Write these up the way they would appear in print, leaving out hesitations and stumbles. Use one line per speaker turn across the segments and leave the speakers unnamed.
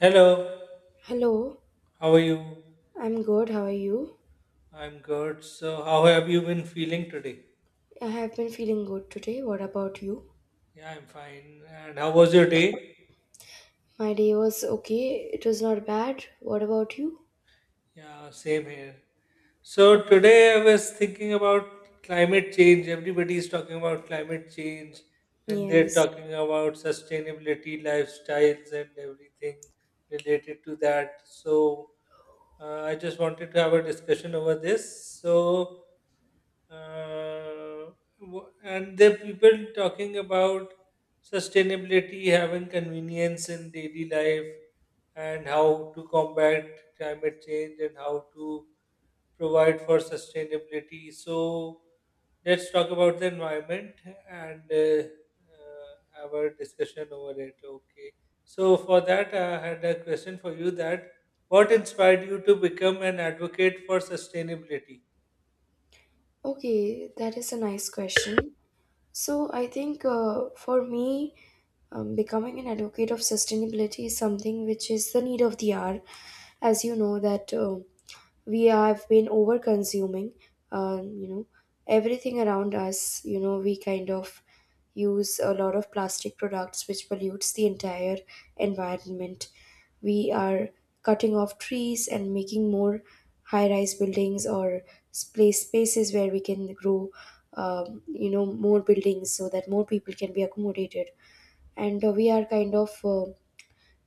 Hello,
Hello,
how are you?
I'm good. How are you?
I'm good. So, how have you been feeling today?
I have been feeling good today. What about you?
Yeah, I'm fine. And how was your day?
My day was okay. It was not bad. What about you?
Yeah, same here. So
That's nice.
today I was thinking about climate change. Everybody is talking about climate change and they're
Yes.
talking about sustainability, lifestyles, and everything related to that. So I just wanted to have a discussion over this. Uh, and the people talking about sustainability, having convenience in daily life, and how to combat climate change and how to provide for sustainability. So let's talk about the environment and have a discussion over it. Okay. So for that, I had a question for you: that what inspired you to become an advocate for sustainability?
Okay, that is a nice question. So, I think for me, becoming an advocate of sustainability is something which is the need of the hour. As you know, that we have been over consuming, uh, you know, everything around us. You know, we kind of use a lot of plastic products which pollutes the entire environment. We are cutting off trees and making more high rise buildings or spaces where we can grow more buildings so that more people can be accommodated. And we are kind of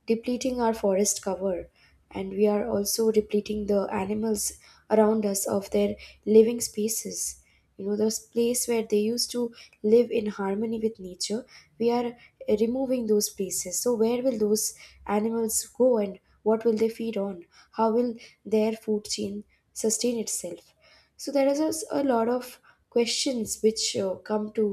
depleting our forest cover, and we are also depleting the animals around us of their living spaces, you know, the place where they used to live in harmony with nature. We are removing those places, so where will those animals go and what will they feed on? How will their food chain sustain itself? So there is a lot of questions which come to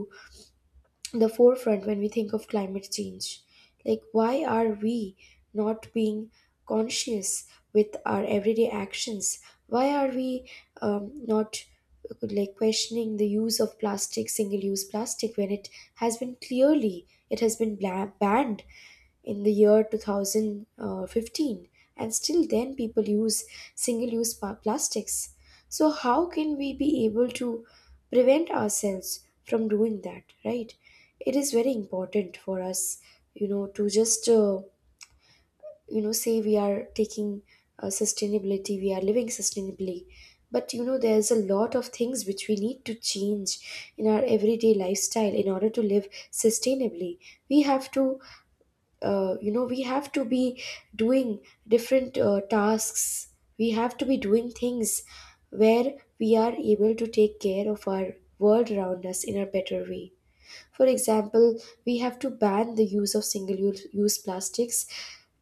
the forefront when we think of climate change. Like, why are we not being conscious with our everyday actions? Why are we not like questioning the use of plastic, single use plastic, when it has been, clearly it has been banned in the year 2015, and still then people use single use plastics? So how can we be able to prevent ourselves from doing that, right? It is very important for us, to just say we are taking sustainability, we are living sustainably, but you know there's a lot of things which we need to change in our everyday lifestyle in order to live sustainably. We have to we have to be doing different tasks. We have to be doing things where we are able to take care of our world around us in a better way. For example, we have to ban the use of single use plastics,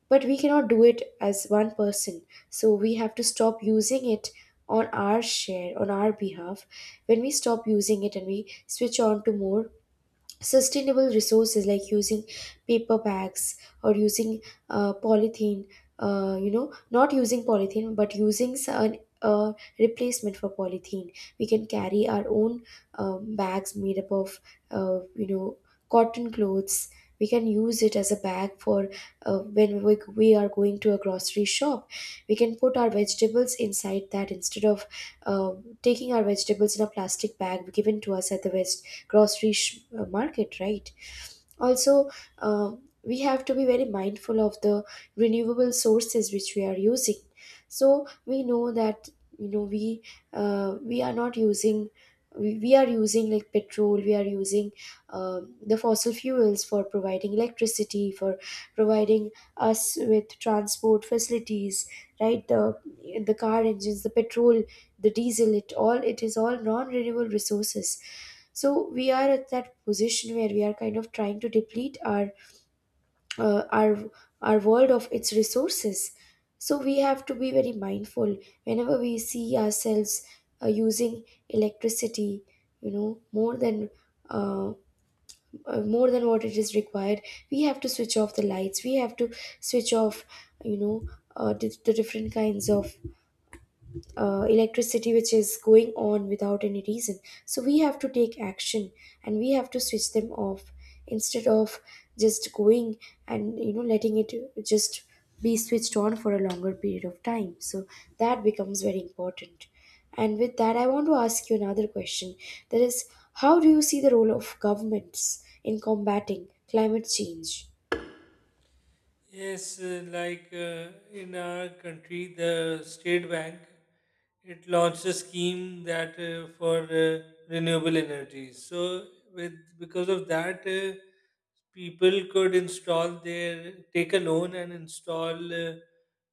but we cannot do it as one person, so we have to stop using it on our share, on our behalf. When we stop using it and we switch on to more sustainable resources like using paper bags or using polythene, you know, not using polythene but using some uh, replacement for polythene, we can carry our own bags made up of uh, you know cotton clothes. We can use it as a bag for when we are going to a grocery shop, we can put our vegetables inside that instead of uh, taking our vegetables in a plastic bag given to us at the veg market, right? Also, uh, we have to be very mindful of the renewable sources which we are using. So we know that, you know, we are not using, we are using like petrol, we are using the fossil fuels for providing electricity, for providing us with transport facilities, right? The car engines, the petrol, the diesel, it is all non renewable resources. So we are at that position where we are kind of trying to deplete our uh, our our world of its resources. So we have to be very mindful whenever we see ourselves using electricity, you know, uh, more than what it is required. We have to switch off the lights, we have to switch off, you know, the different kinds of electricity which is going on without any reason. So we have to take action and we have to switch them off, instead of just going and you know letting it just be switched on for a longer period of time. So that becomes very important. And with that, I want to ask you another question. That is, how do you see the role of governments in combating climate change?
Yes, in our country, the state bank it launched a scheme that for renewable energies. So, with because of that, people could install their take a loan and install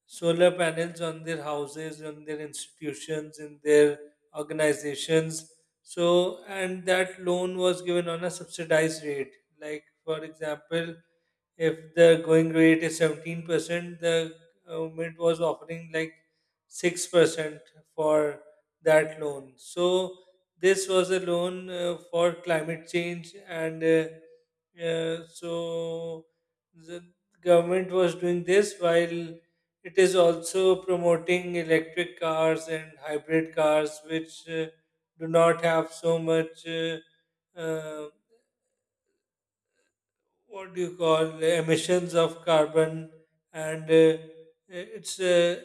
solar panels on their houses, on their institutions, in their organizations. So, and that loan was given on a subsidized rate. Like for example, if the going rate is 17%, the government was offering like 6% for that loan. So this was a loan for climate change, and so the government was doing this while it is also promoting electric cars and hybrid cars, which do not have so much. Uh, what do you call emissions of carbon and it's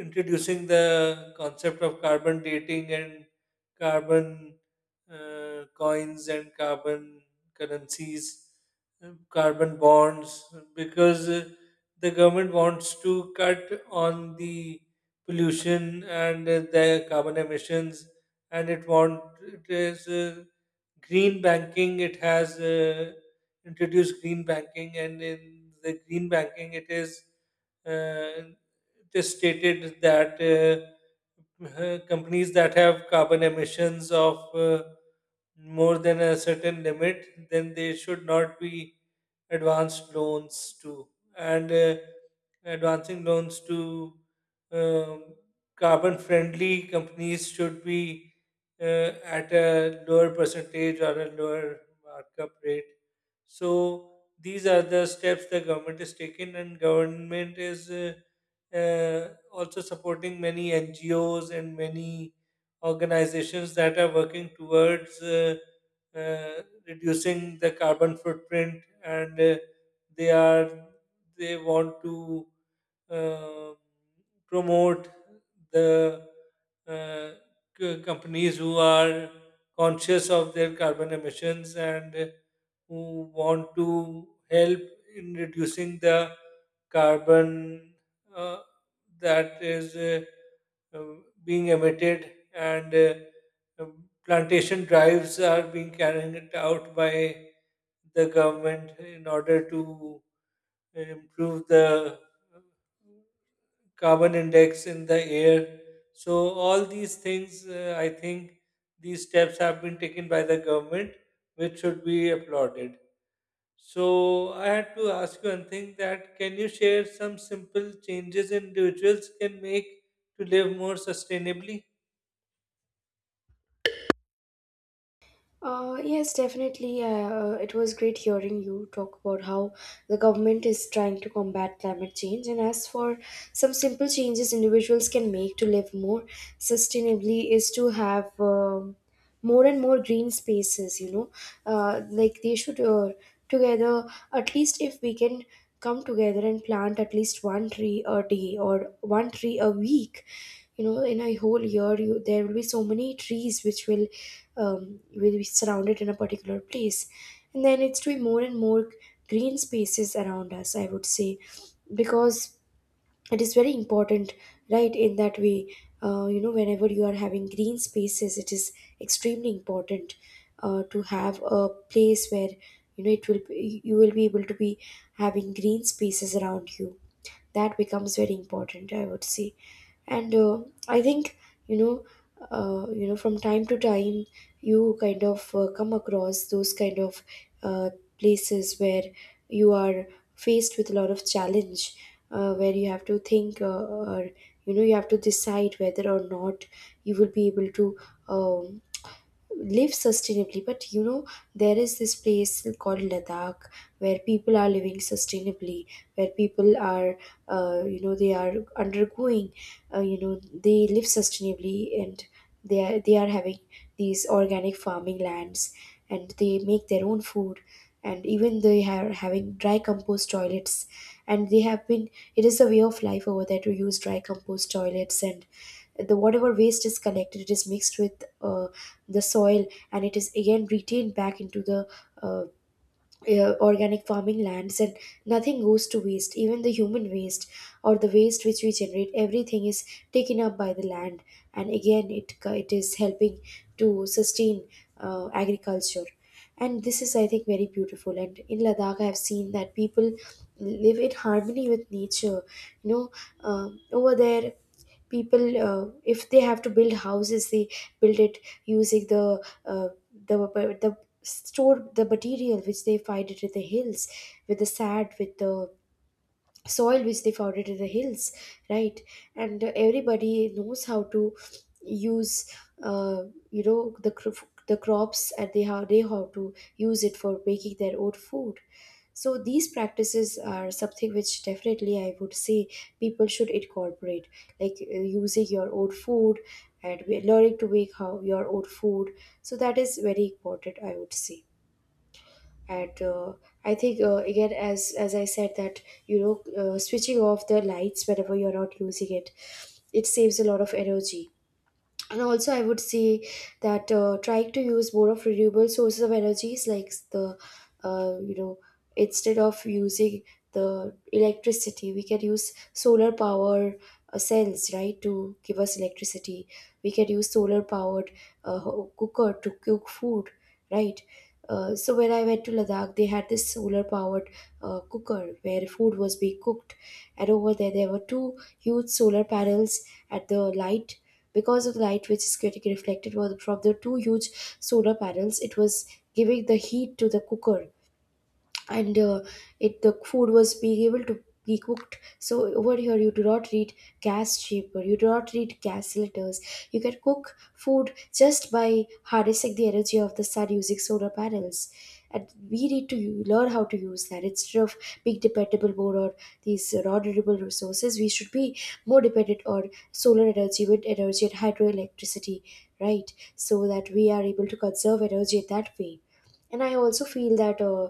introducing the concept of carbon dating and carbon coins and carbon currencies, carbon bonds because the government wants to cut on the pollution and the carbon emissions, and it want it is green banking. It has Introduce green banking, and in the green banking, uh, it is stated that companies that have carbon emissions of more than a certain limit, then they should not be advanced loans to. And Advancing loans to um, carbon friendly companies should be at a lower percentage or a lower markup rate. So these are the steps the government is taking, and government is also supporting many NGOs and many organizations that are working towards reducing the carbon footprint, and they are they want to uh, promote the uh, companies who are conscious of their carbon emissions and who want to help in reducing the carbon uh, that is uh, being emitted, and plantation drives are being carried out by the government in order to improve the uh, carbon index in the air. So, all these things, I think, these steps have been taken by the government, which should be applauded. So I had to ask you one thing: that can you share some simple changes individuals can make to live more sustainably?
Yes, definitely. It was great hearing you talk about how the government is trying to combat climate change. And as for some simple changes individuals can make to live more sustainably, is to have more and more green spaces, you know. Like they should together, at least if we can come together and plant at least one tree a day or one tree a week, you know, in a whole year, you there will be so many trees which will be surrounded in a particular place. And then it's to be more and more green spaces around us, I would say, because it is very important, right? In that way, you know, whenever you are having green spaces, it is extremely important to have a place where, you know, it will be, you will be able to be having green spaces around you. That becomes very important, I would say. And I think, you know, from time to time, you kind of come across those kind of uh, places where you are faced with a lot of challenge, where you have to think, or you know, you have to decide whether or not you will be able to um, live sustainably. But you know, there is this place called Ladakh where people are living sustainably, where people are, you know, they are undergoing, you know, they live sustainably, and they are having these organic farming lands and they make their own food. And even they are having dry compost toilets, and they have been, it is a way of life over there to use dry compost toilets. And the whatever waste is collected, it is mixed with the soil, and it is again retained back into the uh, organic farming lands. And nothing goes to waste, even the human waste or the waste which we generate, everything is taken up by the land, and again it is helping to sustain agriculture. And this is, I think, very beautiful, and in Ladakh I have seen that people live in harmony with nature, you know. Um, over there, people, if they have to build houses, they build it using the the store the material which they find it in the hills, with the sand, with the soil which they found it in the hills, right? And everybody knows how to use uh, the crops, and they how to use it for making their own food. So these practices are something which definitely I would say people should incorporate, like using your own food and learning to make how your own food. So that is very important, I would say. And I think, again, as I said, that you know, switching off the lights whenever you're not using it, it saves a lot of energy. And also I would say that trying to use more of renewable sources of energies, like the uh, you know instead of using the electricity, we can use solar power cells, right, to give us electricity. We can use solar powered cooker to cook food, right? So when I went to Ladakh, they had this solar powered cooker where food was being cooked, and over there there were two huge solar panels at the light. Because of the light which is getting reflected from the two huge solar panels, it was giving the heat to the cooker. And it the food was being able to be cooked. So over here you do not need gas chamber, you do not need gas cylinders, you can cook food just by harnessing the energy of the sun using solar panels. And we need to learn how to use that. Instead of being dependable more on these renewable resources, we should be more dependent on solar energy, wind energy and hydroelectricity, right? So that we are able to conserve energy that way. And I also feel that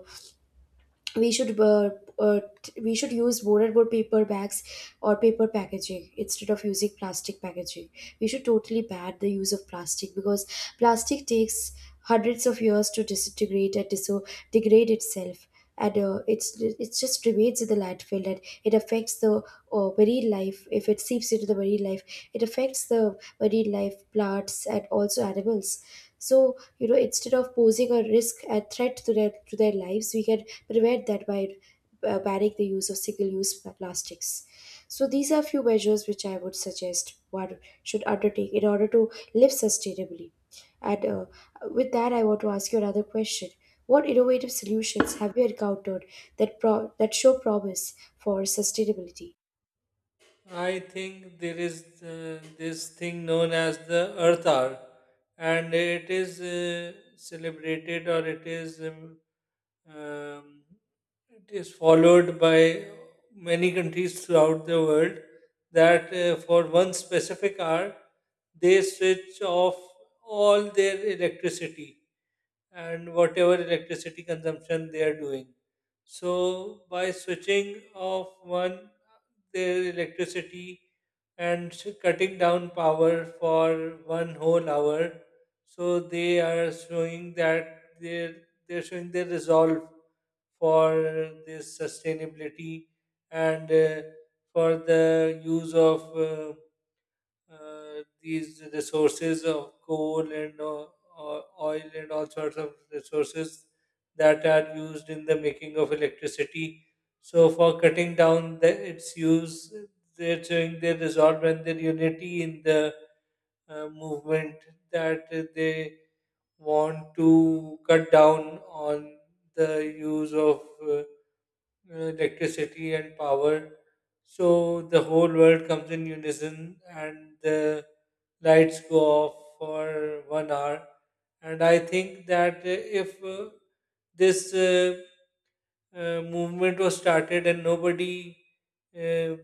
we should uh, uh, we should use board paper bags or paper packaging instead of using plastic packaging. We should totally ban the use of plastic, because plastic takes hundreds of years to disintegrate and degrade itself. And it just remains in the landfill and it affects the marine life. If it seeps into the marine life, it affects the marine life plants and also animals. So you know, instead of posing a threat to their lives, we can prevent that by banning the use of single use plastics. So these are few measures which I would suggest one should undertake in order to live sustainably. And with that, I want to ask you another question. What innovative solutions have you encountered that show promise for sustainability?
I think there is this thing known as the Earth Hour, and it is celebrated, or um, it is followed by many countries throughout the world that for one specific hour they switch off all their electricity and whatever electricity consumption they are doing. So, by switching off one their electricity and cutting down power for one whole hour. So they are showing they're showing their resolve for this sustainability and for the use of these resources of coal and oil and all sorts of resources that are used in the making of electricity. So, for cutting down its use, they're showing their resolve and their unity in the movement that they want to cut down on the use of uh, electricity and power. So the whole world comes in unison and the lights go off for 1 hour. And I think that if this movement was started and nobody uh,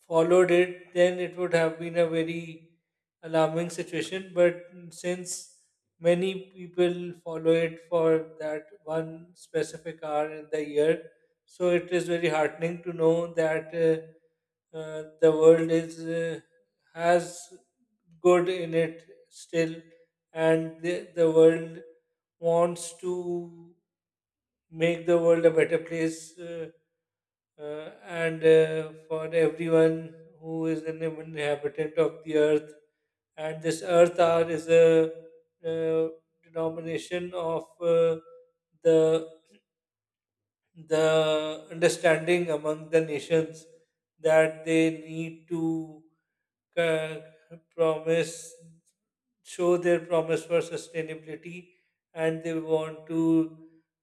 followed it, then it would have been a very alarming situation. But since many people follow it for that one specific hour in the year, so it is very heartening to know that the world is has good in it still, and the world wants to make the world a better place. And for everyone who is an inhabitant of the earth. And this earth hour is a uh, denomination of the the understanding among the nations that they need to uh, promise show their promise for sustainability, and they want to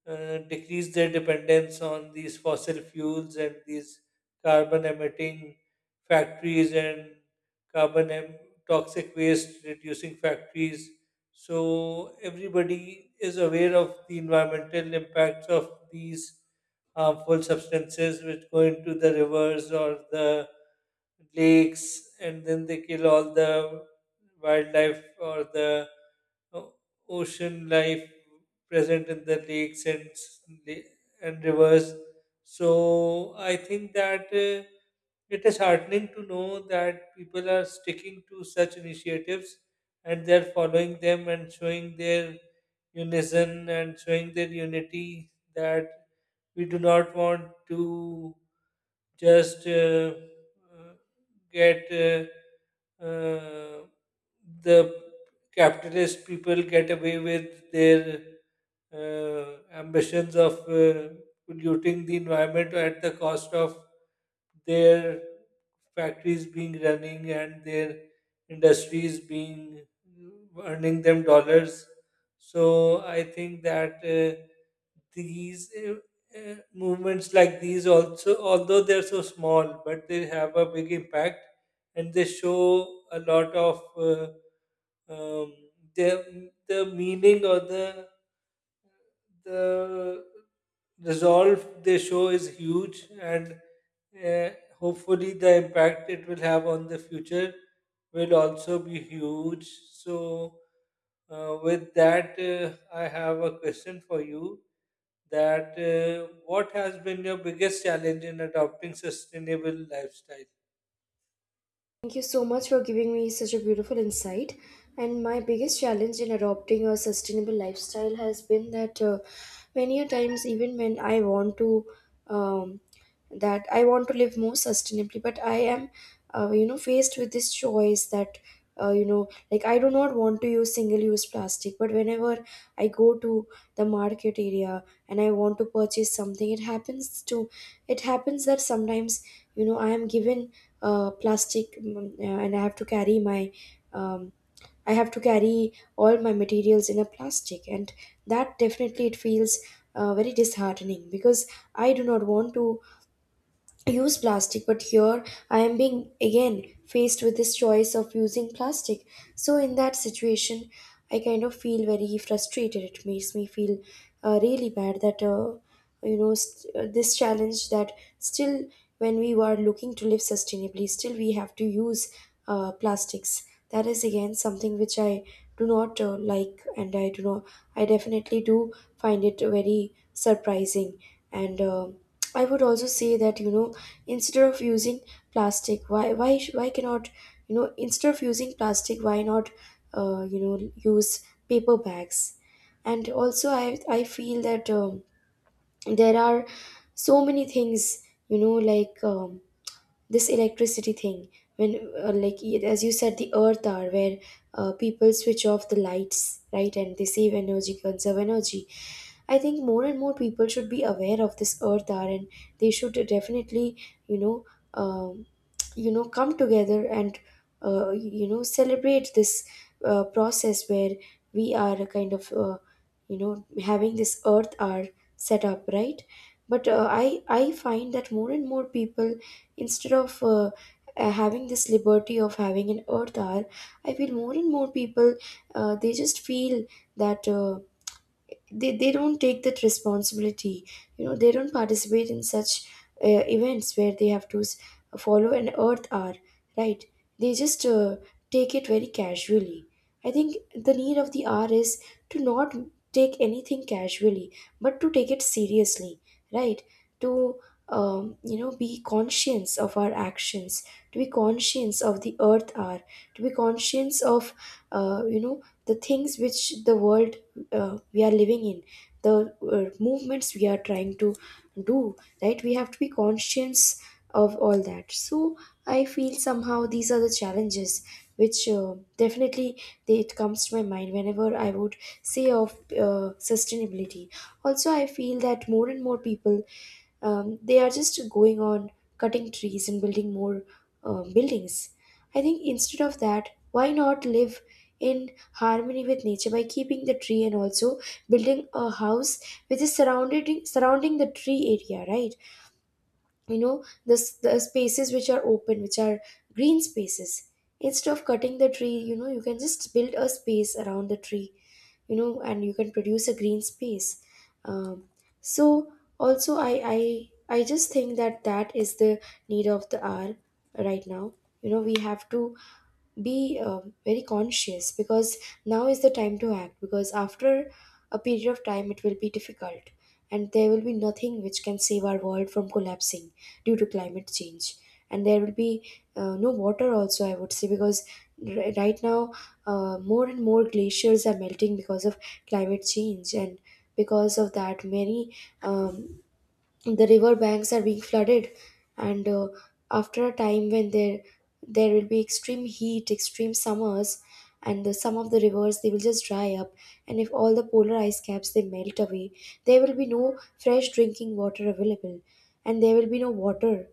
decrease their dependence on these fossil fuels and these carbon emitting factories and carbon em- toxic waste reducing factories. So everybody is aware of the environmental impacts of these harmful substances which go into the rivers or the lakes, and then they kill all the wildlife or the o- ocean life present in the lakes la- and rivers. So I think that it is heartening to know that people are sticking to such initiatives and they're following them and showing their unison and showing their unity that we do not want to just uh, get uh, the capitalist people get away with their ambitions of polluting the environment at the cost of their factories being running and their industries being earning them dollars. So I think that these movements like these, also although they're so small, but they have a big impact and they show a lot of um, the meaning, or the resolve they show is huge, and uh, hopefully the impact it will have on the future will also be huge. So with that, I have a question for you: that what has been your biggest challenge in adopting sustainable lifestyle?
Thank you so much for giving me such a beautiful insight. And my biggest challenge in adopting a sustainable lifestyle has been that many a times, even when I want to um, that I want to live more sustainably, but I am faced with this choice that, like I do not want to use single use plastic, but whenever I go to the market area and I want to purchase something, it happens that sometimes, I am given plastic and I have to um, I have to carry all my materials in a plastic, and that definitely it feels very disheartening because I do not want to use plastic, but here I am being again faced with this choice of using plastic. So in that situation I kind of feel very frustrated. It makes me feel really bad that this challenge that still when we are looking to live sustainably, still we have to use plastics. That is again something which I do not like, and I do not, I definitely do find it very surprising. And I would also say that, you know, instead of using plastic, why cannot, you know, instead of using plastic, why not use paper bags? And also, I feel that there are so many things, you know, like this electricity thing, when, as you said, the earth hour where people switch off the lights, right, and they save energy, conserve energy. I think more and more people should be aware of this earth hour, and they should definitely, you know um, you know, come together and, celebrate this process where we are a kind of, you know having this earth hour set up, right? But I find that more and more people, instead of having this liberty of having an earth hour, I feel more and more people, they just feel that they don't take that responsibility. You know, they don't participate in such uh, events where they have to follow an earth hour, right? They just take it very casually. I think the need of the hour is to not take anything casually, but to take it seriously, right, to be conscious of our actions, to be conscious of the earth are, to be conscious of, the things which the world, we are living in, the movements we are trying to do, right? We have to be conscious of all that. So I feel somehow these are the challenges which, definitely, it comes to my mind whenever I would say of sustainability. Also, I feel that more and more people, they are just going on cutting trees and building more buildings. I think instead of that, why not live in harmony with nature by keeping the tree and also building a house which is surrounded surrounding the tree area, right? You know, the spaces which are open, which are green spaces, instead of cutting the tree, you know, you can just build a space around the tree, you know, and you can produce a green space. um, so also, I just think that that is the need of the hour right now. You know, we have to be very conscious because now is the time to act, because after a period of time it will be difficult and there will be nothing which can save our world from collapsing due to climate change. And there will be no water also, I would say, because right now more and more glaciers are melting because of climate change, and because of that many um, the river banks are being flooded. And after a time, when there will be extreme heat, extreme summers, and some of the rivers they will just dry up, and if all the polar ice caps they melt away, there will be no fresh drinking water available, and there will be no water,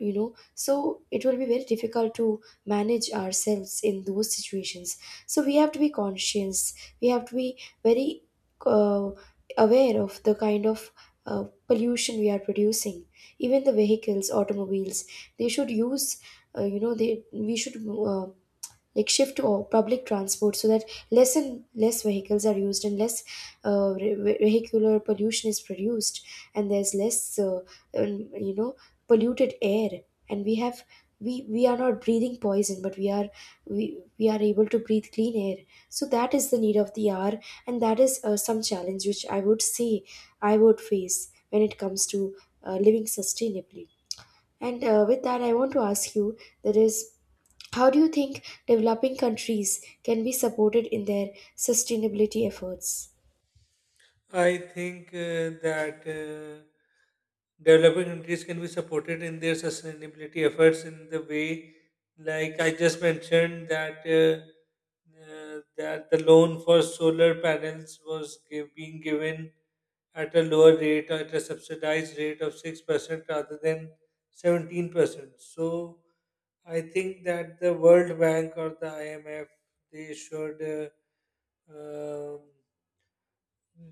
you know. So it will be very difficult to manage ourselves in those situations. So we have to be conscious. We have to be very uh, aware of the kind of uh, pollution we are producing. Even the vehicles, automobiles, they should use, you know they we should uh, like shift to public transport, so that less and less vehicles are used, and less vehicular pollution is produced, and there's less, um, you know polluted air, and we have, we are not breathing poison, but we are, we are able to breathe clean air. So that is the need of the hour, and that is some challenge which I would say I would face when it comes to living sustainably. And with that, I want to ask you, that is, how do you think developing countries can be supported in their sustainability efforts?
I think that developing countries can be supported in their sustainability efforts in the way, like I just mentioned, that the loan for solar panels was give, being given at a lower rate, at a subsidized rate of 6% rather than 17%. So I think that the World Bank or the IMF, they should um,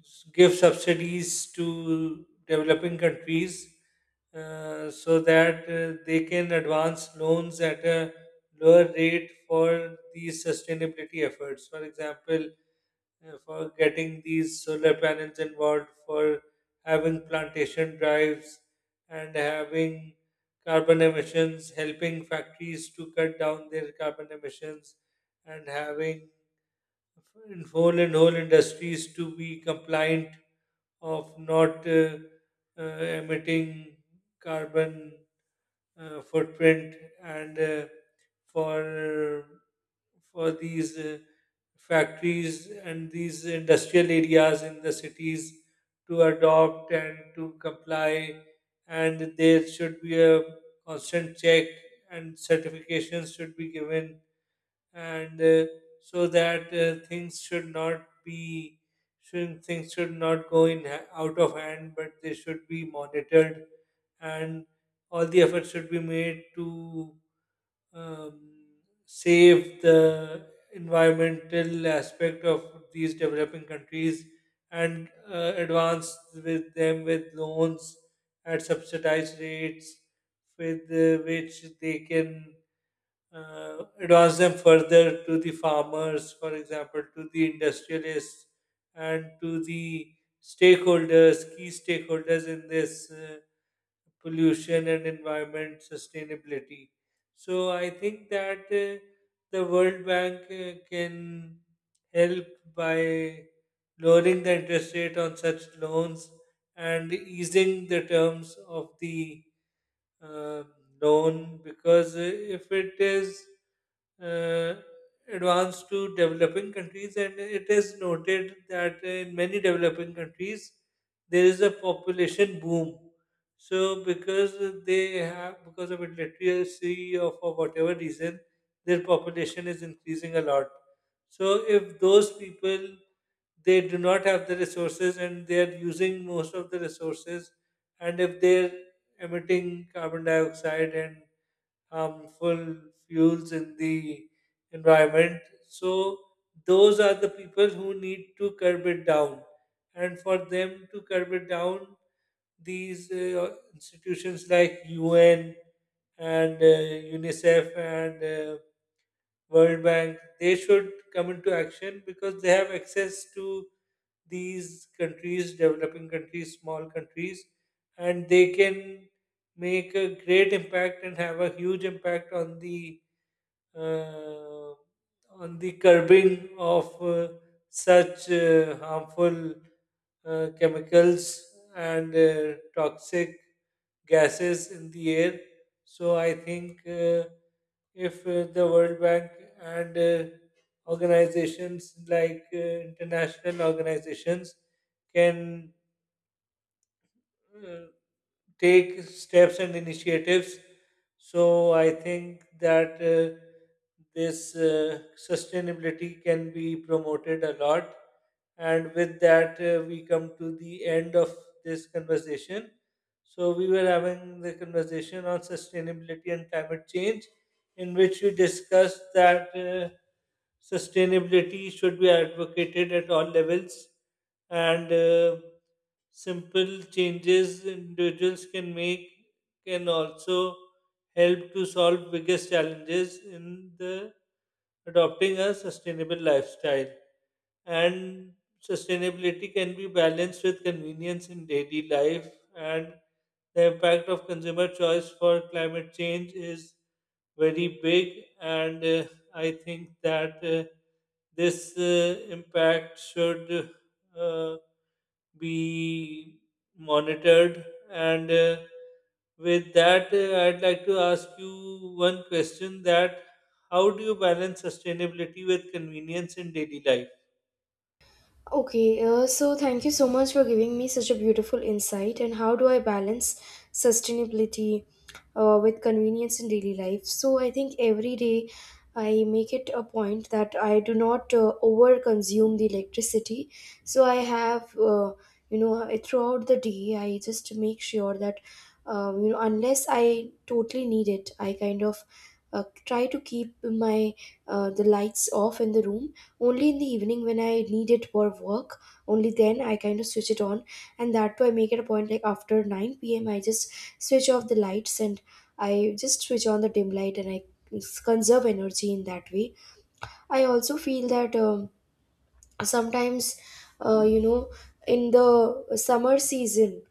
give subsidies to developing countries so that they can advance loans at a lower rate for these sustainability efforts. For example, for getting these solar panels involved, for having plantation drives and having carbon emissions, helping factories to cut down their carbon emissions, and having in whole and whole industries to be compliant of not uh, emitting carbon footprint, and for for these factories and these industrial areas in the cities to adopt and to comply, and there should be a constant check and certifications should be given, and so that things should not go out of hand but they should be monitored, and all the efforts should be made to um, save the environmental aspect of these developing countries and advance with them with loans at subsidized rates with which they can advance them further to the farmers, for example, to the industrialists, and to the stakeholders, key stakeholders in this pollution and environment sustainability. So I think that the World Bank can help by lowering the interest rate on such loans and easing the terms of the uh, known, because if it is uh, advanced to developing countries, and it is noted that in many developing countries there is a population boom, so because they have because of illiteracy or for whatever reason their population is increasing a lot, so if those people they do not have the resources and they are using most of the resources, and if they're emitting carbon dioxide and harmful fuels in the environment, so those are the people who need to curb it down. And for them to curb it down, these institutions like UN and UNICEF and World Bank, they should come into action because they have access to these countries, developing countries, small countries, and they can make a great impact and have a huge impact uh, on the curbing of such harmful chemicals and toxic gases in the air. So I think if the World Bank and organizations like international organizations can uh, take steps and initiatives. So I think that this sustainability can be promoted a lot. And with that, we come to the end of this conversation. So we were having the conversation on sustainability and climate change, in which we discussed that sustainability should be advocated at all levels, and simple changes individuals can make can also help to solve biggest challenges in the adopting a sustainable lifestyle, and sustainability can be balanced with convenience in daily life, and the impact of consumer choice for climate change is very big. And I think that this impact should uh, be monitored. And with that, I'd like to ask you one question: that how do you balance sustainability with convenience in daily life?
Okay, so thank you so much for giving me such a beautiful insight. And how do I balance sustainability with convenience in daily life? So I think every day I make it a point that I do not over consume the electricity. So I have, throughout the day, I just make sure that, unless I totally need it, I kind of try to keep my the lights off in the room. Only in the evening when I need it for work, only then I kind of switch it on. And that too, I make it a point, like after 9 p.m., I just switch off the lights, and I just switch on the dim light, and I conserve energy in that way. I also feel that, sometimes, uh, you know, in the summer season,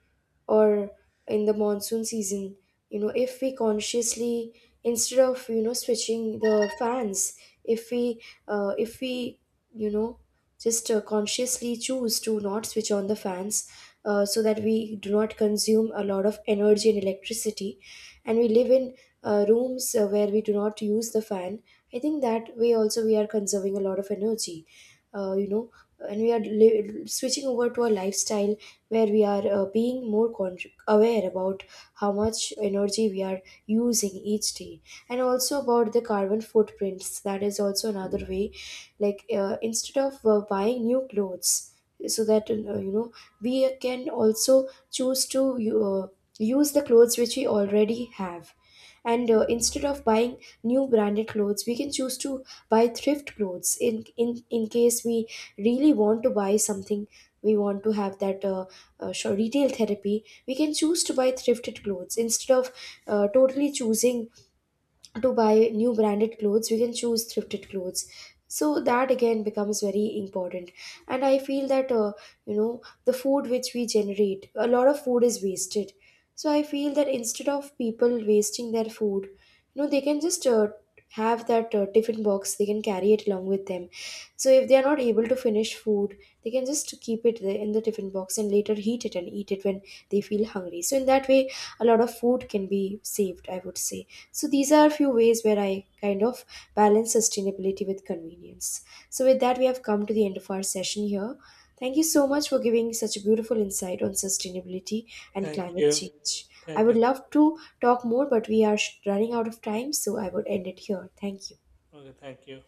or in the monsoon season, you know, if we consciously, instead of, you know, switching the fans, if we if we you know just consciously choose to not switch on the fans, so that we do not consume a lot of energy and electricity, and we live in rooms where we do not use the fan. I think that way also we are conserving a lot of energy, uh, you know and we are switching over to a lifestyle where we are, being more aware about how much energy we are using each day. And also about the carbon footprints, that is also another way, like instead of buying new clothes, so that, we can also choose to uh, use the clothes which we already have. And instead of buying new branded clothes, we can choose to buy thrift clothes, in case we really want to buy something, we want to have that retail therapy, we can choose to buy thrifted clothes instead of totally choosing to buy new branded clothes. We can choose thrifted clothes, so that again becomes very important. And I feel that the food which we generate, a lot of food is wasted. So I feel that instead of people wasting their food, you know, they can just have that tiffin box, they can carry it along with them, so if they are not able to finish food, they can just keep it there in the tiffin box and later heat it and eat it when they feel hungry. So in that way a lot of food can be saved, I would say. So these are a few ways where I kind of balance sustainability with convenience. So with that we have come to the end of our session here. Thank you so much for giving such a beautiful insight on sustainability and
Thank
climate
you.
change. I
Thank you
would
so
love to talk more, but we are running out of time, so I would end it here. Thank you.
much. Okay, thank you.